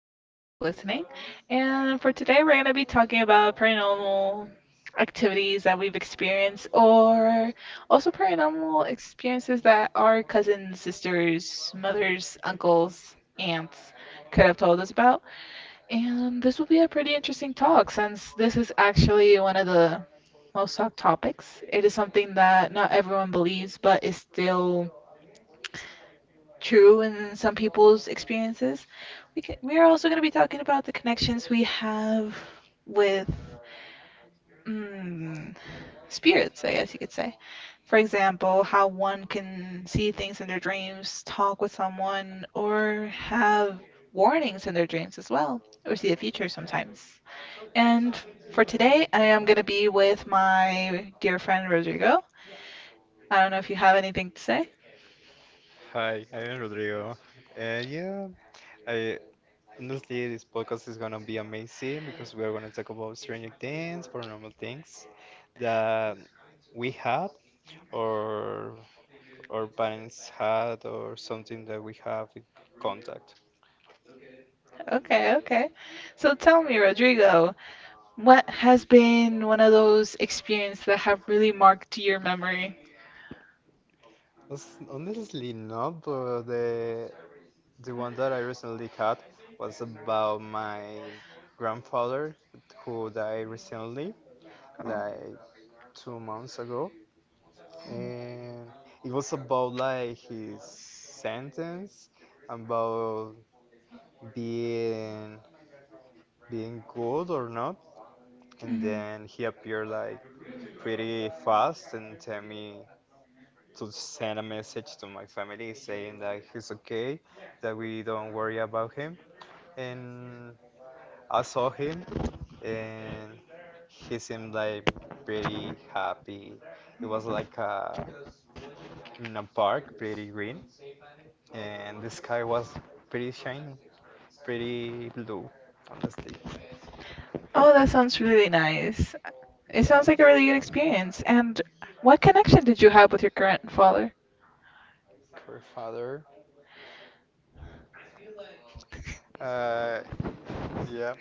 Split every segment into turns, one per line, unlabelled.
whoever is listening. And for today, we're going to be talking about paranormal activities that we've experienced, or also paranormal experiences that our cousins, sisters, mothers, uncles, aunts could have told us about. And this will be a pretty interesting talk since this is actually one of the most talked topics. It is something that not everyone believes, but is still true in some people's experiences. We are also going to be talking about the connections we have with mm, spirits, I guess you could say. For example, how one can see things in their dreams, talk with someone, or have warnings in their dreams as well, or see the future sometimes. And for today, I am going to be with my dear friend Rodrigo. I don't know if you have anything to say.
Hi, I'm Rodrigo. Yeah, I honestly this podcast is gonna be amazing because we are gonna talk about stranger things, paranormal things that we had or our parents had or something that we have in contact.
Okay, okay. So tell me, Rodrigo, what has been one of those experiences that have really marked your memory?
Honestly, not, but the one that I recently had was about my grandfather who died recently. Like
Oh.
2 months ago, and it was about like his sentence, about being being good or not. And
Mhm.
then he appeared like pretty fast and tell me to send a message to my family saying that he's okay, that we don't worry about him. And I saw him and he seemed like pretty happy. It was like a, in a park, pretty green, and the sky was pretty shiny, pretty blue, honestly.
Oh, that sounds really nice. It
Yeah.
sounds like a really good experience. And what connection did you have with your grandfather?
For father. Uh, yeah.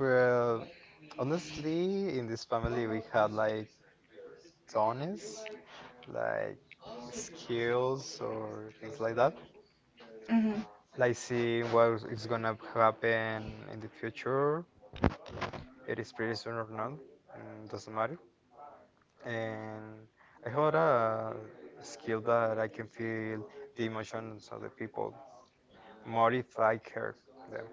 Well, honestly, in this family, we had like dones, like skills or things like that.
Mm-hmm.
Like seeing what is gonna happen in the future. It is pretty soon or not. Doesn't matter. And I have a skill that I can feel the emotions of the people more if I care them.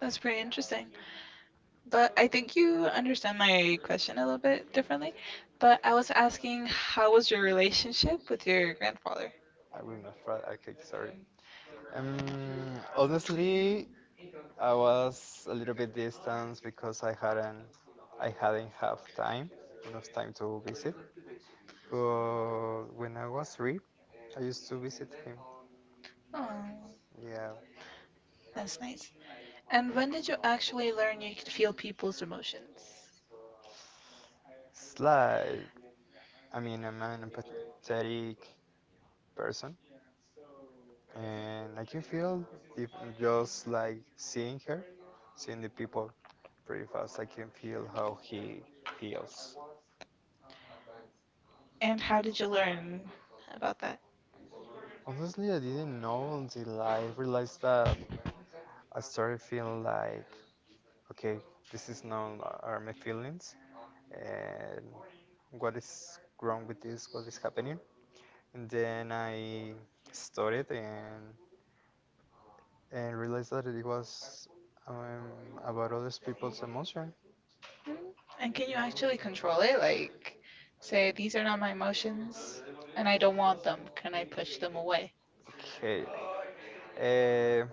That's pretty interesting. But I think you understand my question a little bit differently. But I was asking, how was your relationship with your grandfather?
I remember, okay, sorry. Honestly, I was a little bit distant because I hadn't have enough time to visit. But when I was three, I used to visit him.
Oh,
Yeah,
that's nice. And when did you actually learn you could feel people's emotions?
it's like, I mean, I'm an empathetic person, and I can feel if just like seeing the people pretty fast, I can feel how he feels.
And how did you learn about that?
Honestly, I didn't know until I realized that I started feeling like, okay, this is not are my feelings, and what is wrong with this? What is happening? And then I studied and realized that it was um, about other people's emotion.
Hmm? And can you actually control it? Like, say, these are not my emotions and I don't want them. Can I push them away?
Okay. uh.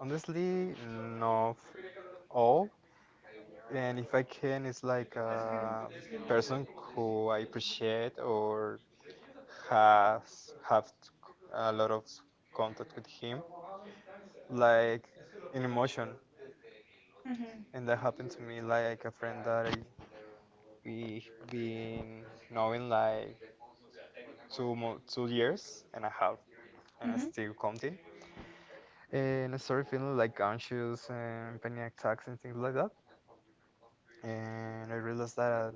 Honestly, no all. And if I can, it's like a person who I appreciate or has have a lot of contact with him, like in emotion.
Hmm.
And that happened to me, like a friend that I we been knowing like 2 years and a half, and I
Hmm.
still counting. And I started feeling like anxious and panic attacks and things like that. And I realized that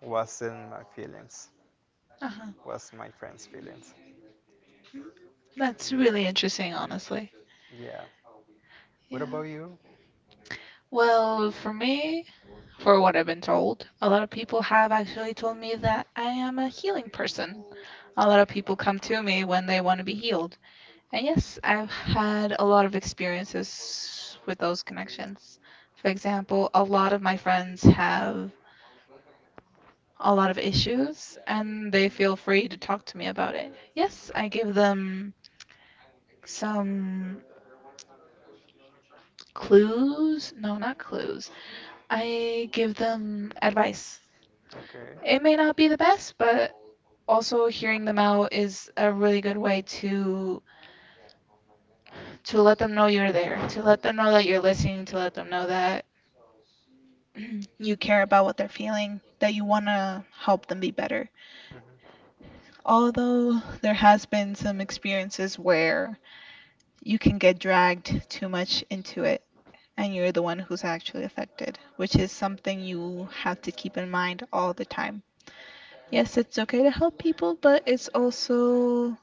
was in my feelings.
Uh-huh.
Was my friend's feelings.
That's
Yeah.
really interesting, honestly.
Yeah. What
Yeah.
about you?
Well, for me, for what I've been told, a lot of people have actually told me that I am a healing person. A lot of people come to me when they want to be healed. And yes, I've had a lot of experiences with those connections. For example, a lot of my friends have a lot of issues and they feel free to talk to me about it. Yes, I give them some clues. No, not clues. I give them advice.
Okay.
It may not be the best, but also hearing them out is a really good way to let them know you're there, to let them know that you're listening, to let them know that you care about what they're feeling, that you want to help them be better.
hmm
Although there has been some experiences where you can get dragged too much into it and you're the one who's actually affected, which is something you have to keep in mind all the time. Yes, it's okay to help people, but it's also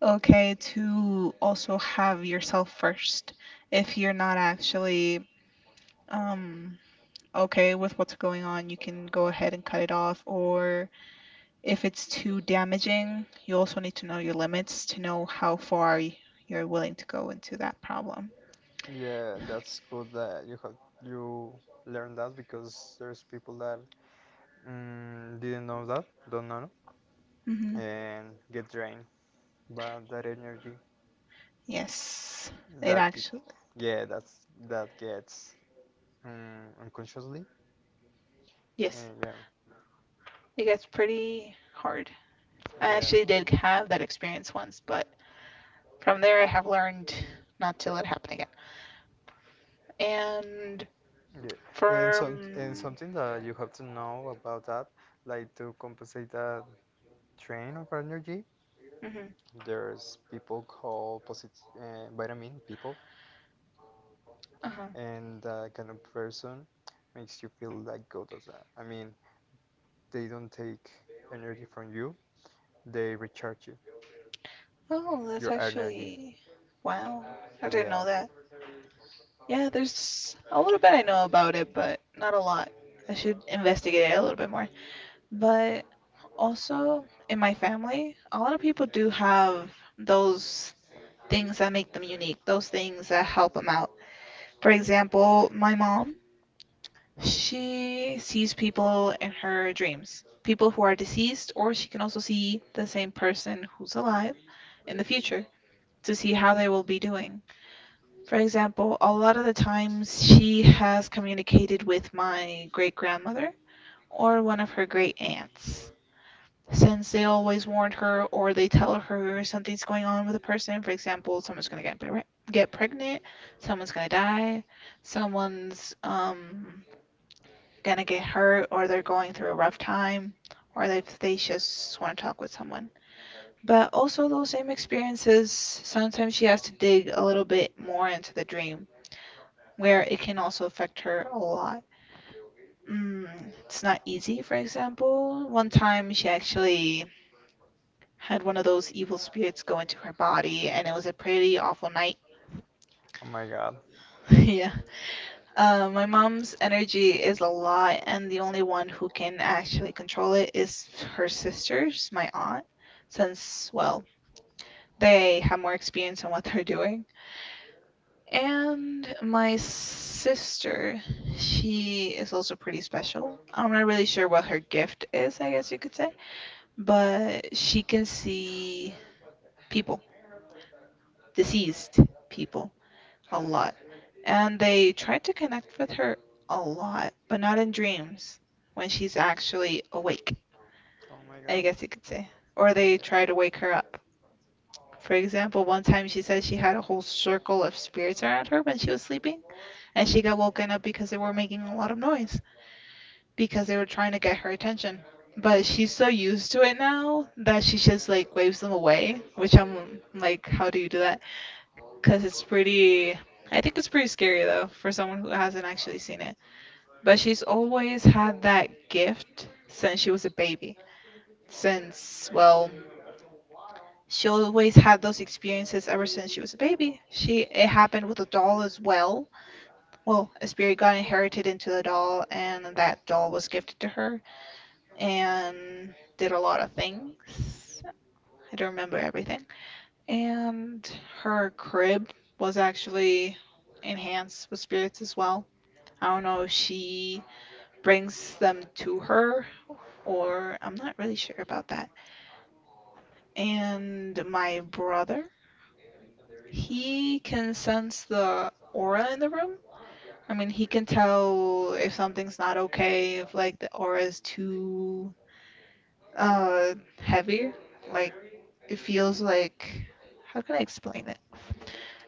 okay to also have yourself first. If you're not actually um, okay with what's going on, you can go ahead and cut it off. Or if it's too damaging, you also need to know your limits to know how far you're willing to go into that problem.
Yeah, that's good that you learned that because there's people that didn't know that, don't know,
Hmm.
and get drained by that energy
Yes, it
that
actually,
that's that gets unconsciously,
yes,
and yeah,
it gets pretty hard. I
yeah,
actually did have that experience once, but from there, I have learned not to let it happen again. And
Yeah, and
from
something that you have to know about that, like to compensate that drain of energy,
hmm.
there's people called posit vitamin people,
Uh-huh.
and that kind of person makes you feel like God does that. I mean, they don't take energy from you, they recharge you,
Oh, that's
your energy.
actually wow. I didn't
Yeah.
know that. Yeah, there's a little bit I know about it, but not a lot. I should investigate it a little bit more. But also in my family, a lot of people do have those things that make them unique, those things that help them out. For example, my mom, she sees people in her dreams, people who are deceased, or she can also see the same person who's alive in the future to see how they will be doing. For example, a lot of the times she has communicated with my great grandmother or one of her great aunts, since they always warn her or they tell her something's going on with a person. For example, someone's gonna get get pregnant, someone's gonna die, someone's gonna get hurt, or they're going through a rough time, or if they just want to talk with someone. But also those same experiences, sometimes she has to dig a little bit more into the dream, where it can also affect her a lot. It's not easy, for example. One time she actually had one of those evil spirits go into her body, and it was a pretty awful night.
Oh my God.
Yeah. My mom's energy is a lot, and the only one who can actually control it is her sisters, my aunt, since, well, they have more experience in what they're doing. And my sister, she is also pretty special. I'm not really sure what her gift is, I guess you could say, but she can see people, deceased people. A lot. And they tried to connect with her a lot, but not in dreams, when she's actually awake,
Oh my
I
God.
guess you could say. Or they
Yeah.
try to wake her up. For example, one time she said she had a whole circle of spirits around her when she was sleeping, and she got woken up because they were making a lot of noise, because they were trying to get her attention. But she's so used to it now that she just like waves them away, which I'm like, how do you do that? Because it's pretty, I think it's pretty scary though for someone who hasn't actually seen it. But she's always had that gift since she was a baby, since, well, she always had those experiences ever since she was a baby. She it happened with a doll as well. Well, a spirit got inherited into the doll, and that doll was gifted to her and did a lot of things. I don't remember everything. And her crib was actually enhanced with spirits as well. I don't know if she brings them to her, or I'm not really sure about that. And my brother, he can sense the aura in the room. I mean, he can tell if something's not okay, if like the aura is too uh heavy, like it feels like, how can I explain it?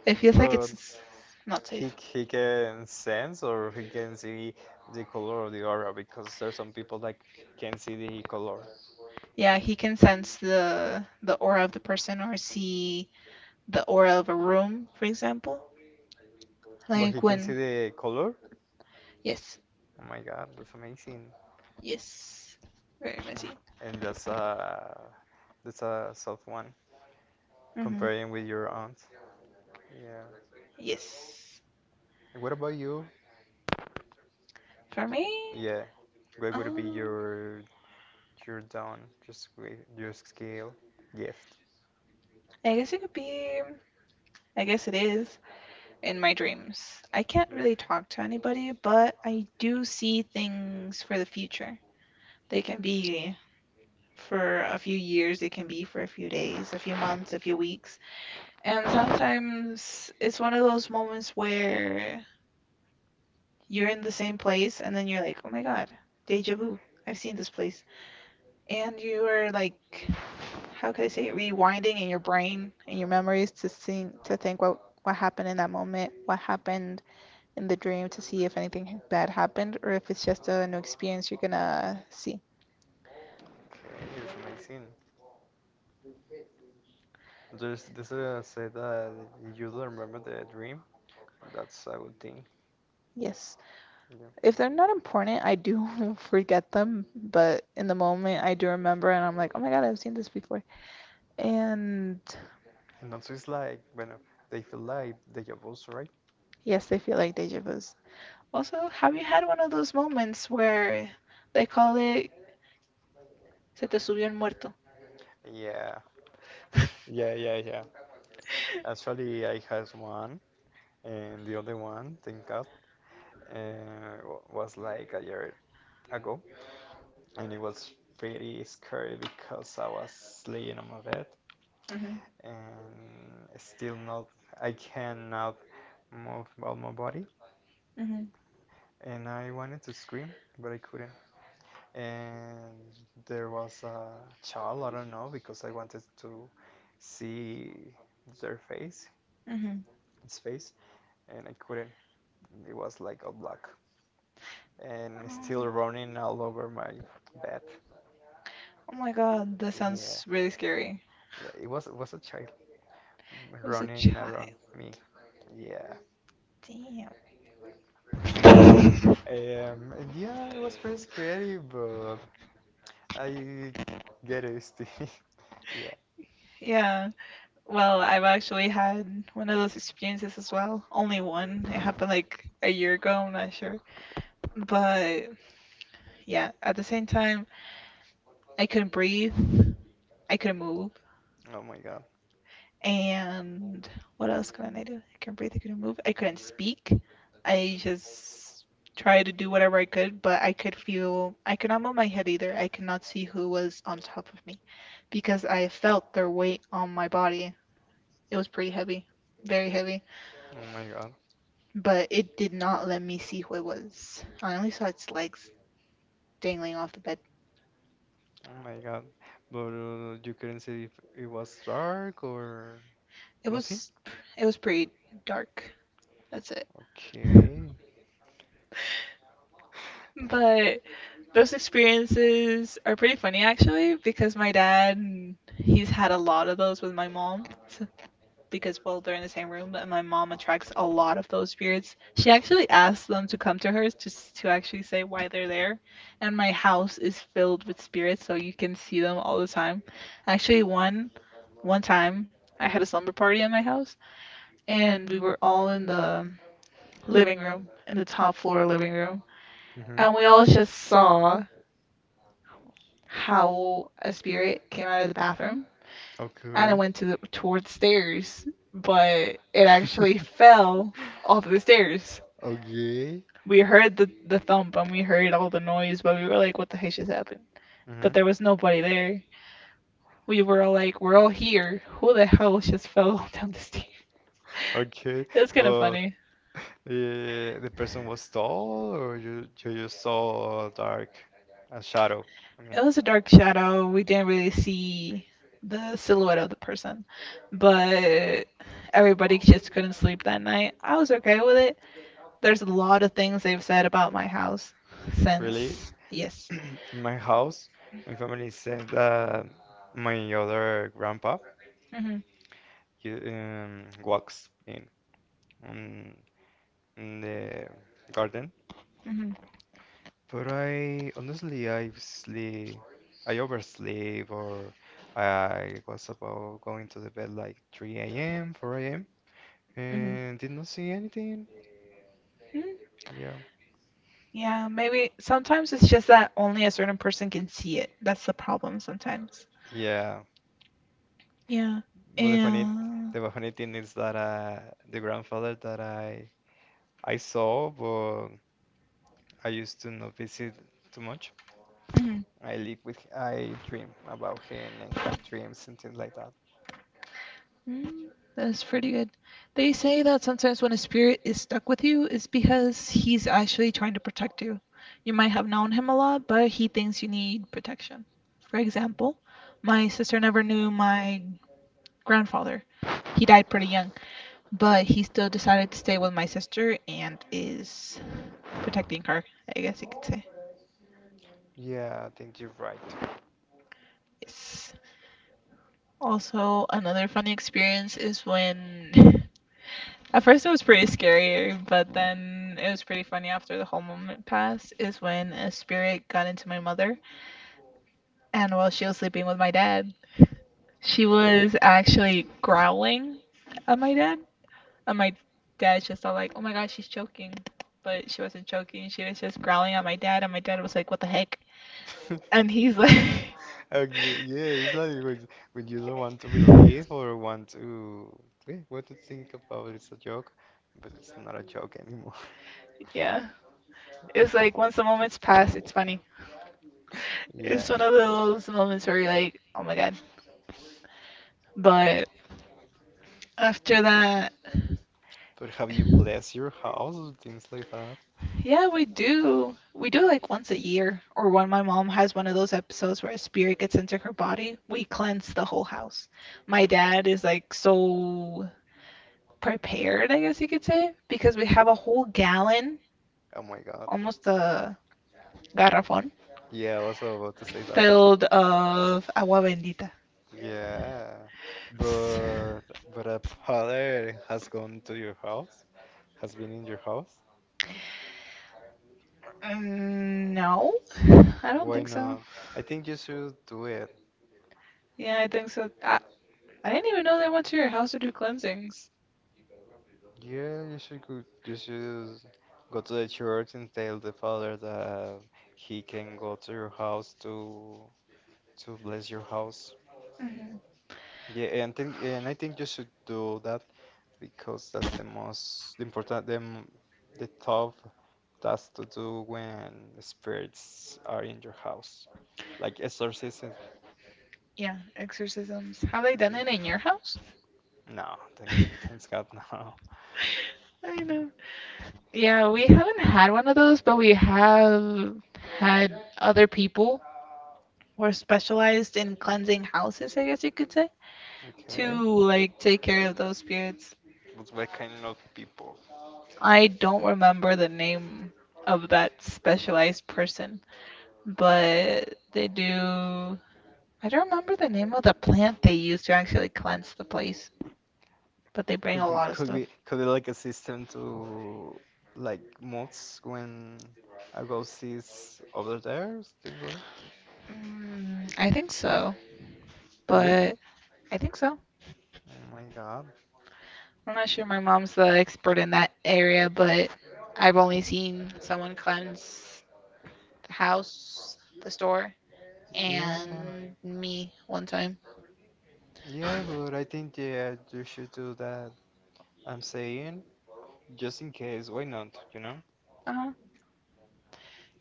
It feels like
But
it's not
he
safe.
he can sense or he can see the color of the aura because there's some people that can see the color,
Yeah, he can sense the aura of the person or see the aura of a room, for example.
but he
Like
can see
when,
the color.
yes,
Oh my God, that's amazing.
yes, very
Mm.
messy.
And that's a soft one
Hmm.
comparing with your aunt. Yeah.
Yes,
And what about you?
for me,
Yeah. What would be
um,
your down just with your skill gift?
I guess it could be. I guess it is in my dreams. I can't really talk to anybody, but I do see things for the future. They can be for a few years, they can be for a few days, a few months, a few weeks. And sometimes it's one of those moments where you're in the same place and then you're like, oh my God, deja vu. I've seen this place. And you're like, how could I say, rewinding in your brain and your memories to think what happened in that moment, what happened in the dream to see if anything bad happened or if it's just a new experience you're gonna see.
Okay, that's amazing. There's this say that you don't remember the dream. That's a good thing.
Yes.
Yeah.
If they're not important, I do forget them, but in the moment I do remember and I'm like, oh my God, I've seen this before. And
And also it's like, bueno, they feel like deja vu's, right?
yes, they feel like deja vu. Also, have you had one of those moments where they call it se te subió el muerto?
Yeah. Yeah, yeah, yeah. Actually, I had one, and the other one, thank God, was like a year ago, and it was pretty scary because I was laying on my bed
Mhm,
and still not, I cannot move all my body,
mhm,
and I wanted to scream, but I couldn't. And There was a child, I don't know, because I wanted to see their face,
mhm.
its face, and I couldn't. It was like all black and still running all
Oh.
over my bed.
Oh my God, that
Yeah,
sounds really scary.
yeah, it was a child
It was a
running around
child.
me. Yeah,
Damn.
yeah. And yeah, it was pretty scary, but I get used to it. Yeah.
Yeah. Well, I've actually had one of those experiences as well. Only one. It happened like a year ago, I'm not sure. But yeah, at the same time, I couldn't breathe. I couldn't move.
Oh my God.
And what else couldn't I do? I couldn't breathe. I couldn't move. I couldn't speak. I just tried to do whatever I could, but I could feel. I could not move my head either. I could not see who was on top of me because I felt their weight on my body. It was pretty heavy, very heavy.
Oh my God.
But it did not let me see who it was. I only saw its legs dangling off the bed.
Oh my God. But you couldn't see if it was dark or
It
nothing?
was. It was pretty dark. That's it.
Okay.
But those experiences are pretty funny actually, because my dad, he's had a lot of those with my mom, because well, they're in the same room and my mom attracts a lot of those spirits. She actually asks them to come to her to to actually say why they're there, and my house is filled with spirits, so you can see them all the time. Actually, one time I had a slumber party in my house, and we were all in the living room, in the top floor living room.
Mm-hmm.
And we all just saw how a spirit came out of the bathroom and it
Okay.
went to towards stairs, but it actually fell off the stairs.
Okay.
We heard the thump and we heard all the noise, but we were like, what the heck just happened? But
hmm
there was nobody there. We were all like, we're all here. Who the hell just fell down the stairs?
Okay.
It's kind of
But
funny.
the person was tall or you just saw dark, a shadow? Okay.
It was a dark shadow. We didn't really see the silhouette of the person, but everybody just couldn't sleep that night. I was okay with it. There's a lot of things they've said about my house
Really?
since. Yes.
In my house, my family said that my other grandpa
Mhm.
he walks in. Um, in the garden.
Mhm.
But I honestly I oversleep or I was about going to the bed like 3 a.m., 4 a.m.
Mhm.
and did not see anything.
Mm.
Yeah.
Yeah, maybe sometimes it's just that only a certain person can see it. That's the problem sometimes.
Yeah.
Yeah.
But the funny
And.
the funny thing is that the grandfather that I saw but I used to not visit too much. I live with I dream about him and had dreams and things like that.
Mm, that's pretty good. They say that sometimes when a spirit is stuck with you, it's because he's actually trying to protect you. You might have known him a lot, but he thinks you need protection. For example, my sister never knew my grandfather. He died pretty young, but he still decided to stay with my sister and is protecting her, I guess you could say.
Yeah, I think you're right.
Yes. Also, another funny experience is when at first, it was pretty scary, but then it was pretty funny after the whole moment passed. Is when a spirit got into my mother, and while she was sleeping with my dad, she was actually growling at my dad, and my dad just thought like, "Oh my gosh, she's choking," but she wasn't choking. She was just growling at my dad, and my dad was like, "What the heck?" And he's like,
Okay, yeah, it's like when you don't want to believe or want to think about it's a joke, but it's not a joke anymore.
"Yeah." It was like once the moment's passed, it's funny. It's
Yeah,
one of those moments where you're like, "Oh my god," but after that,
but have you blessed your house or things like that?
yeah, we do. We do like once a year, or when my mom has one of those episodes where a spirit gets into her body, we cleanse the whole house. My dad is like so prepared, I guess you could say, because we have a whole gallon,
Oh my God.
almost a garrafón,
Yeah, I was about to say that.
filled of agua bendita.
Yeah,
S-
but but a father has gone to your house, has been in your house.
No, I don't
Why
think so.
not? I think you should do it.
Yeah, I think so. I didn't even know they went to your house to do cleansings.
Yeah, you should you should go to the church and tell the father that he can go to your house to bless your house.
Hmm.
Yeah, and think and I think you should do that because that's the most important the tough task to do when spirits are in your house, like exorcism.
Yeah, exorcisms. Have they done it in
Yeah.
your house?
No, thank you. Thanks God, no.
No. I
Yeah.
know. Yeah, we haven't had one of those, but we have had other people. We're specialized in cleansing houses, I guess you could say, to
Okay.
like take care of those spirits.
But what kind of people?
I don't remember the name of that specialized person, but they do. I don't remember the name of the plant they use to actually cleanse the place, but they bring
Could
a
be
lot of
could
stuff.
be could be like a system to like mods when I go sees over there, things like
I think so,
Really?
but I think so.
Oh my god.
I'm not sure my mom's the expert in that area, but I've only seen someone cleanse the house, the store, and
Yeah.
me one time.
Yeah, but I think yeah, you should do that. I'm saying just in case, why not, you know?
Uh huh.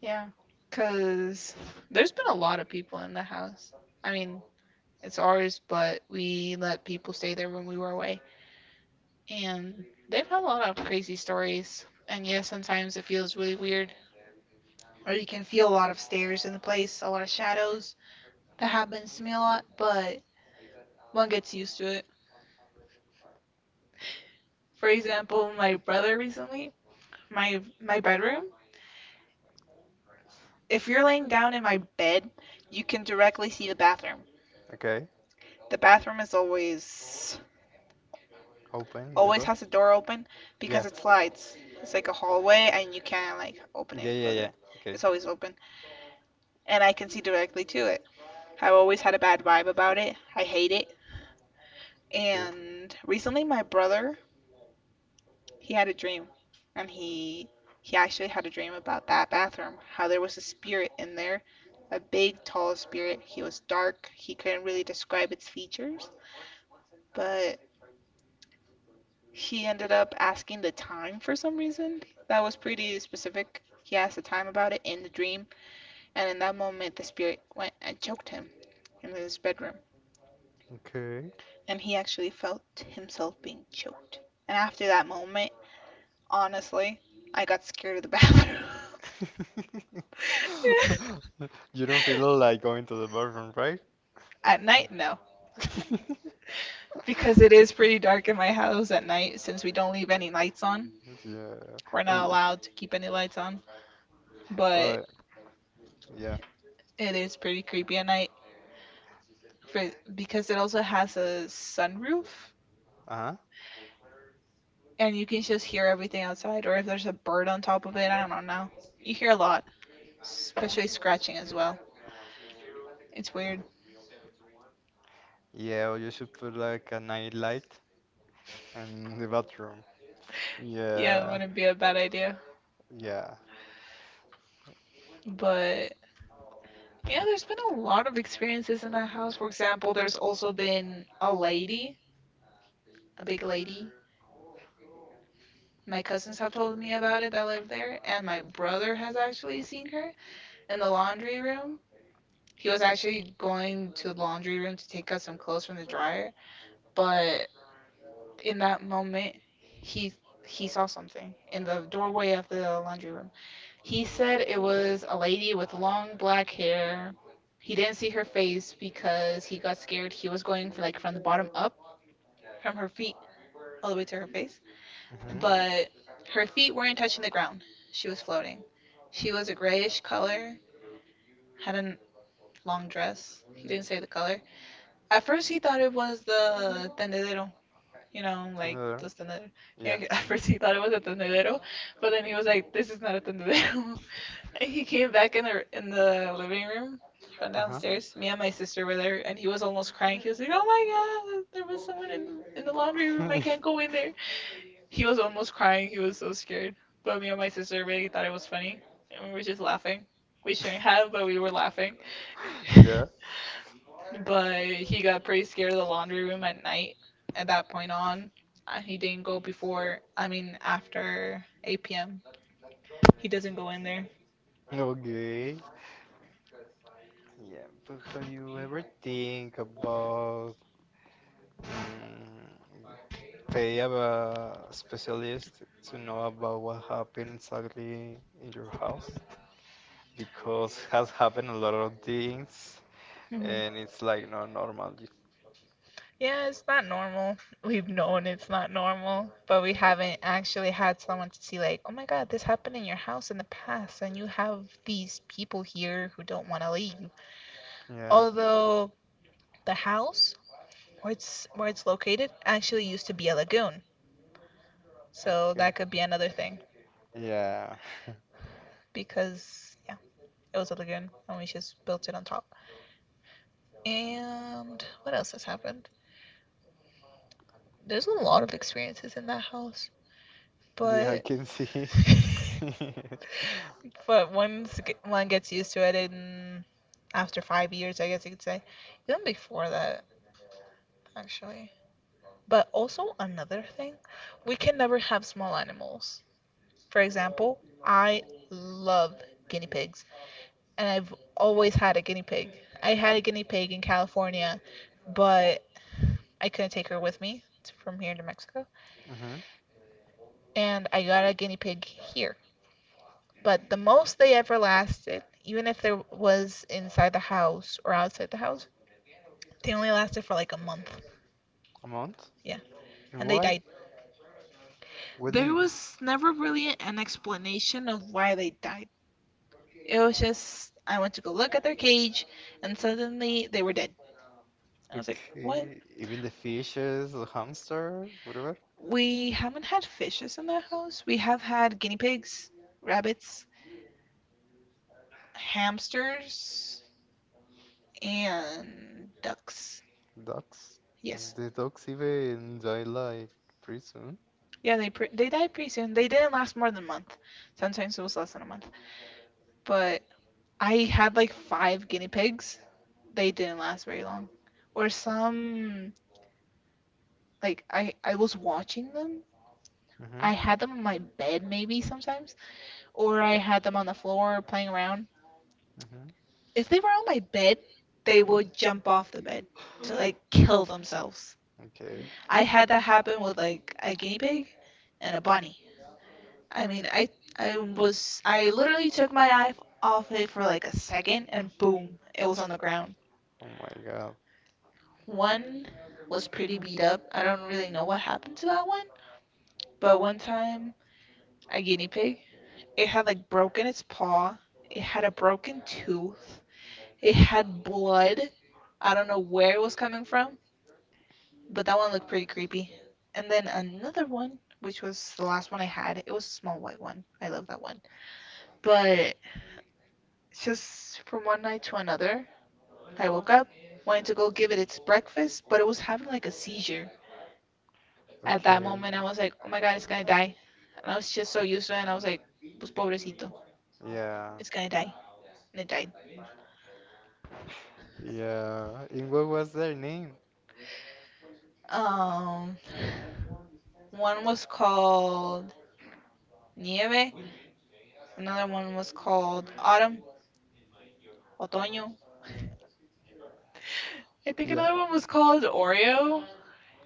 Yeah. Cause there's been a lot of people in the house. I mean, it's ours, but we let people stay there when we were away. And they've had a lot of crazy stories. And yeah, sometimes it feels really weird. Or you can feel a lot of stairs in the place, a lot of shadows. That happens to me a lot, but one gets used to it. For example, my brother recently, my bedroom. If you're laying down in my bed, you can directly see the bathroom.
Okay.
The bathroom is always
Open the
always
door.
has the door open
Yeah.
because it slides. It's like a hallway and you can't like open it
Yeah,
or
yeah,
close
yeah.
it.
Okay.
It's always open, and I can see directly to it. I've always had a bad vibe about it. I hate it.
Okay.
And recently my brother, he had a dream and he actually had a dream about that bathroom, how there was a spirit in there, a big tall spirit. He was dark. He couldn't really describe its features, but he ended up asking the time for some reason. That was pretty specific. He asked the time about it in the dream, and in that moment the spirit went and choked him in his bedroom.
Okay.
And he actually felt himself being choked. And after that moment, honestly, I got scared of the bathroom.
You don't feel like going to the bathroom, right?
At night, no,
because
because it is pretty dark in my house at night since we don't leave any lights on. We're not allowed to keep any lights on, but
or, yeah.
it is pretty creepy at night for, because it also has a sunroof
Uh-huh.
and you can just hear everything outside or if there's a bird on top of it, I don't know. You hear a lot, especially scratching as well. It's weird.
Yeah, or you should put like a night light in the bathroom.
Yeah, it wouldn't be a bad idea.
Yeah.
But yeah, there's been a lot of experiences in that house. For example, there's also been a lady, a big lady. My cousins have told me about it that lived there, and my brother has actually seen her in the laundry room. He was actually going to the laundry room to take out some clothes from the dryer, but in that moment, he he saw something in the doorway of the laundry room. He said it was a lady with long black hair. He didn't see her face because he got scared. He was going for like from the bottom up, from her feet all the way to her face,
We did. Yeah. Mm-hmm.
but her feet weren't touching the ground. She was floating. She was a grayish color, had a long dress. He didn't say the color. At first, he thought it was the tendedero, like those tendederos. At first, he thought it was a tendedero, but then he was like, "This is not a tendedero." He came back in the living room
He
from downstairs. Me and my sister were there, and he was almost crying. He was like, "Oh my god, there was someone in the laundry room. I can't go in there." He was almost crying. He was so scared. But me and my sister really thought it was funny, and we were just laughing. We shouldn't have, but we were laughing.
there.
But he got pretty scared of the laundry room at night. At that point on, he didn't go before. I mean, after 8 p.m. He doesn't go in there.
Yeah. Okay. Yeah, but have you ever think about mm, pay of a specialist to know about what happened exactly in your house? Because has happened a lot of things
Mhm.
and it's like not normal. You-
Yeah, it's not normal. We've known it's not normal, but we haven't actually had someone to see, like, oh my God, this happened in your house in the past, and you have these people here who don't want to leave.
Yeah.
Although the house where it's located actually used to be a lagoon, so
Okay.
that could be another thing
Yeah.
because yeah, it was a lagoon and we just built it on top. And what else has happened? There's a lot of experiences in that house,
Yeah, I
but
can see.
But once one gets used to it, in after 5 years, I guess you could say, even before that, actually. But also another thing, we can never have small animals. For example, I love guinea pigs, and I've always had a guinea pig. I had a guinea pig in California, but I couldn't take her with me from here to Mexico,
hmm
and I got a guinea pig here. But the most they ever lasted, even if there was inside the house or outside the house, they only lasted for like a month.
A month?
Yeah.
And
And they
why?
died.
What do
There
you?
was never really an explanation of why they died. It was just I went to go look at their cage and suddenly they were dead. I was like, "What?
Okay, even the fishes, the hamster, whatever,
We haven't had fishes in that house. We have had guinea pigs, rabbits, hamsters, and ducks."
ducks.
Yes.
The ducks even die like pretty soon.
Yeah, they died pretty soon. They didn't last more than a month. Sometimes it was less than a month. But I had like five guinea pigs. They didn't last very long. Or some like I was watching them. I had
Mm-hmm.
them on my bed maybe sometimes, or I had them on the floor playing around.
Mm-hmm.
If they were on my bed, they would jump off the bed to like kill themselves.
Okay.
I had that happen with like a guinea pig and a bunny. I mean, I literally took my eye off it for like a second and boom, it was on the ground.
Oh my God.
One was pretty beat up. I don't really know what happened to that one, but one time a guinea pig, it had like broken its paw, it had a broken tooth, it had blood. I don't know where it was coming from, but that one looked pretty creepy. And then another one, which was the last one I had, it was a small white one. I love that one. But just from one night to another, I woke up, wanted to go give it its breakfast, but it was having like a seizure. At that
Okay.
moment, I was like, oh my God, it's gonna die. And I was just so used to it, and I was like, pues pobrecito,
Yeah.
it's gonna die. And it died.
Yeah. And what was their name?
Um, One was called Nieve, another one was called Autumn, Otoño. I think
Yeah.
another one was called Oreo.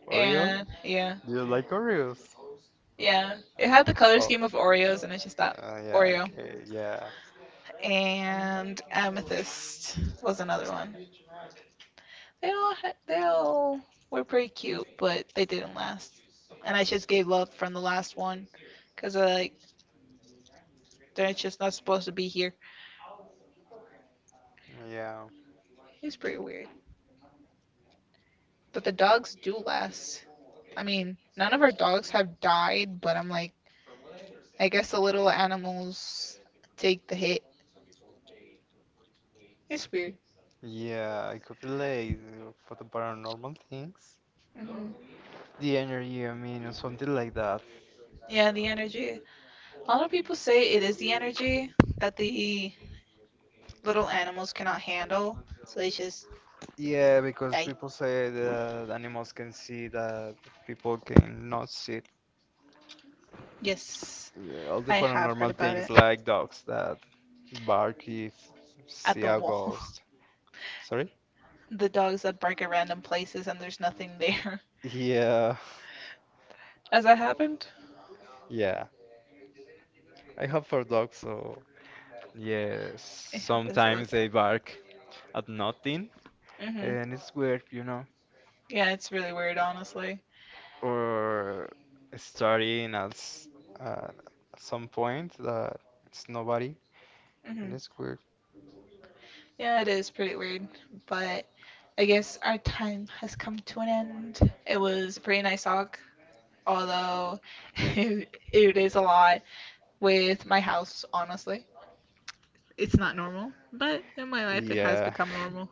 Oreo?
And yeah,
Do you like Oreos?
yeah, it had the color
Uh, oh.
scheme of Oreos, and it's just that
Yeah.
Oreo.
Okay. Yeah.
And Amethyst was another one. They all were pretty cute, but they didn't last. And I just gave up from the last one because like they're just not supposed to be here.
Yeah.
It's pretty weird, but the dogs do last. I mean, none of our dogs have died, but I'm like, I guess the little animals take the hit. It's weird.
Yeah. I could relate for the paranormal things.
Hmm.
The energy, I mean, or something like that.
Yeah, the energy. A lot of people say it is the energy that the little animals cannot handle, so they just
Yeah, because
die.
people say that animals can see that people cannot see. It.
Yes,
Yeah, all the
I have heard
paranormal
about it.
things like dogs that bark if
At
see
the
a
wall.
ghost. Sorry?
The dogs that bark at random places and there's nothing there.
Yeah,
Has that happened?
yeah. I have four dogs, so yeah,
It happens.
sometimes they bark at nothing,
Mm-hmm.
and it's weird, you know.
Yeah, it's really weird, honestly.
Or starting at uh, at some point that it's nobody,
Hmm.
and it's weird.
Yeah, it is pretty weird, but I guess our time has come to an end. It was a pretty nice talk, although it is a lot with my house, honestly. It's not normal, but in my life it has
Yeah,
become normal.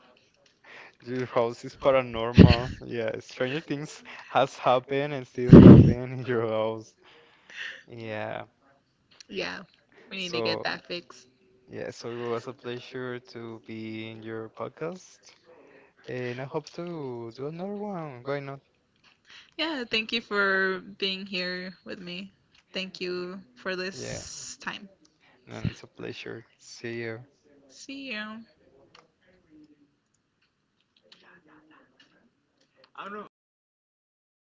your house is paranormal. Yeah, stranger things has happened and still happen in your house. Yeah,
Yeah, we need to get
so
that fixed.
yeah, so it was a pleasure to be in your podcast, and I hope to do another one. Why not?
Yeah, thank you for being here with me. Thank you for
Yeah,
this time.
and it's a pleasure. See you.
See you.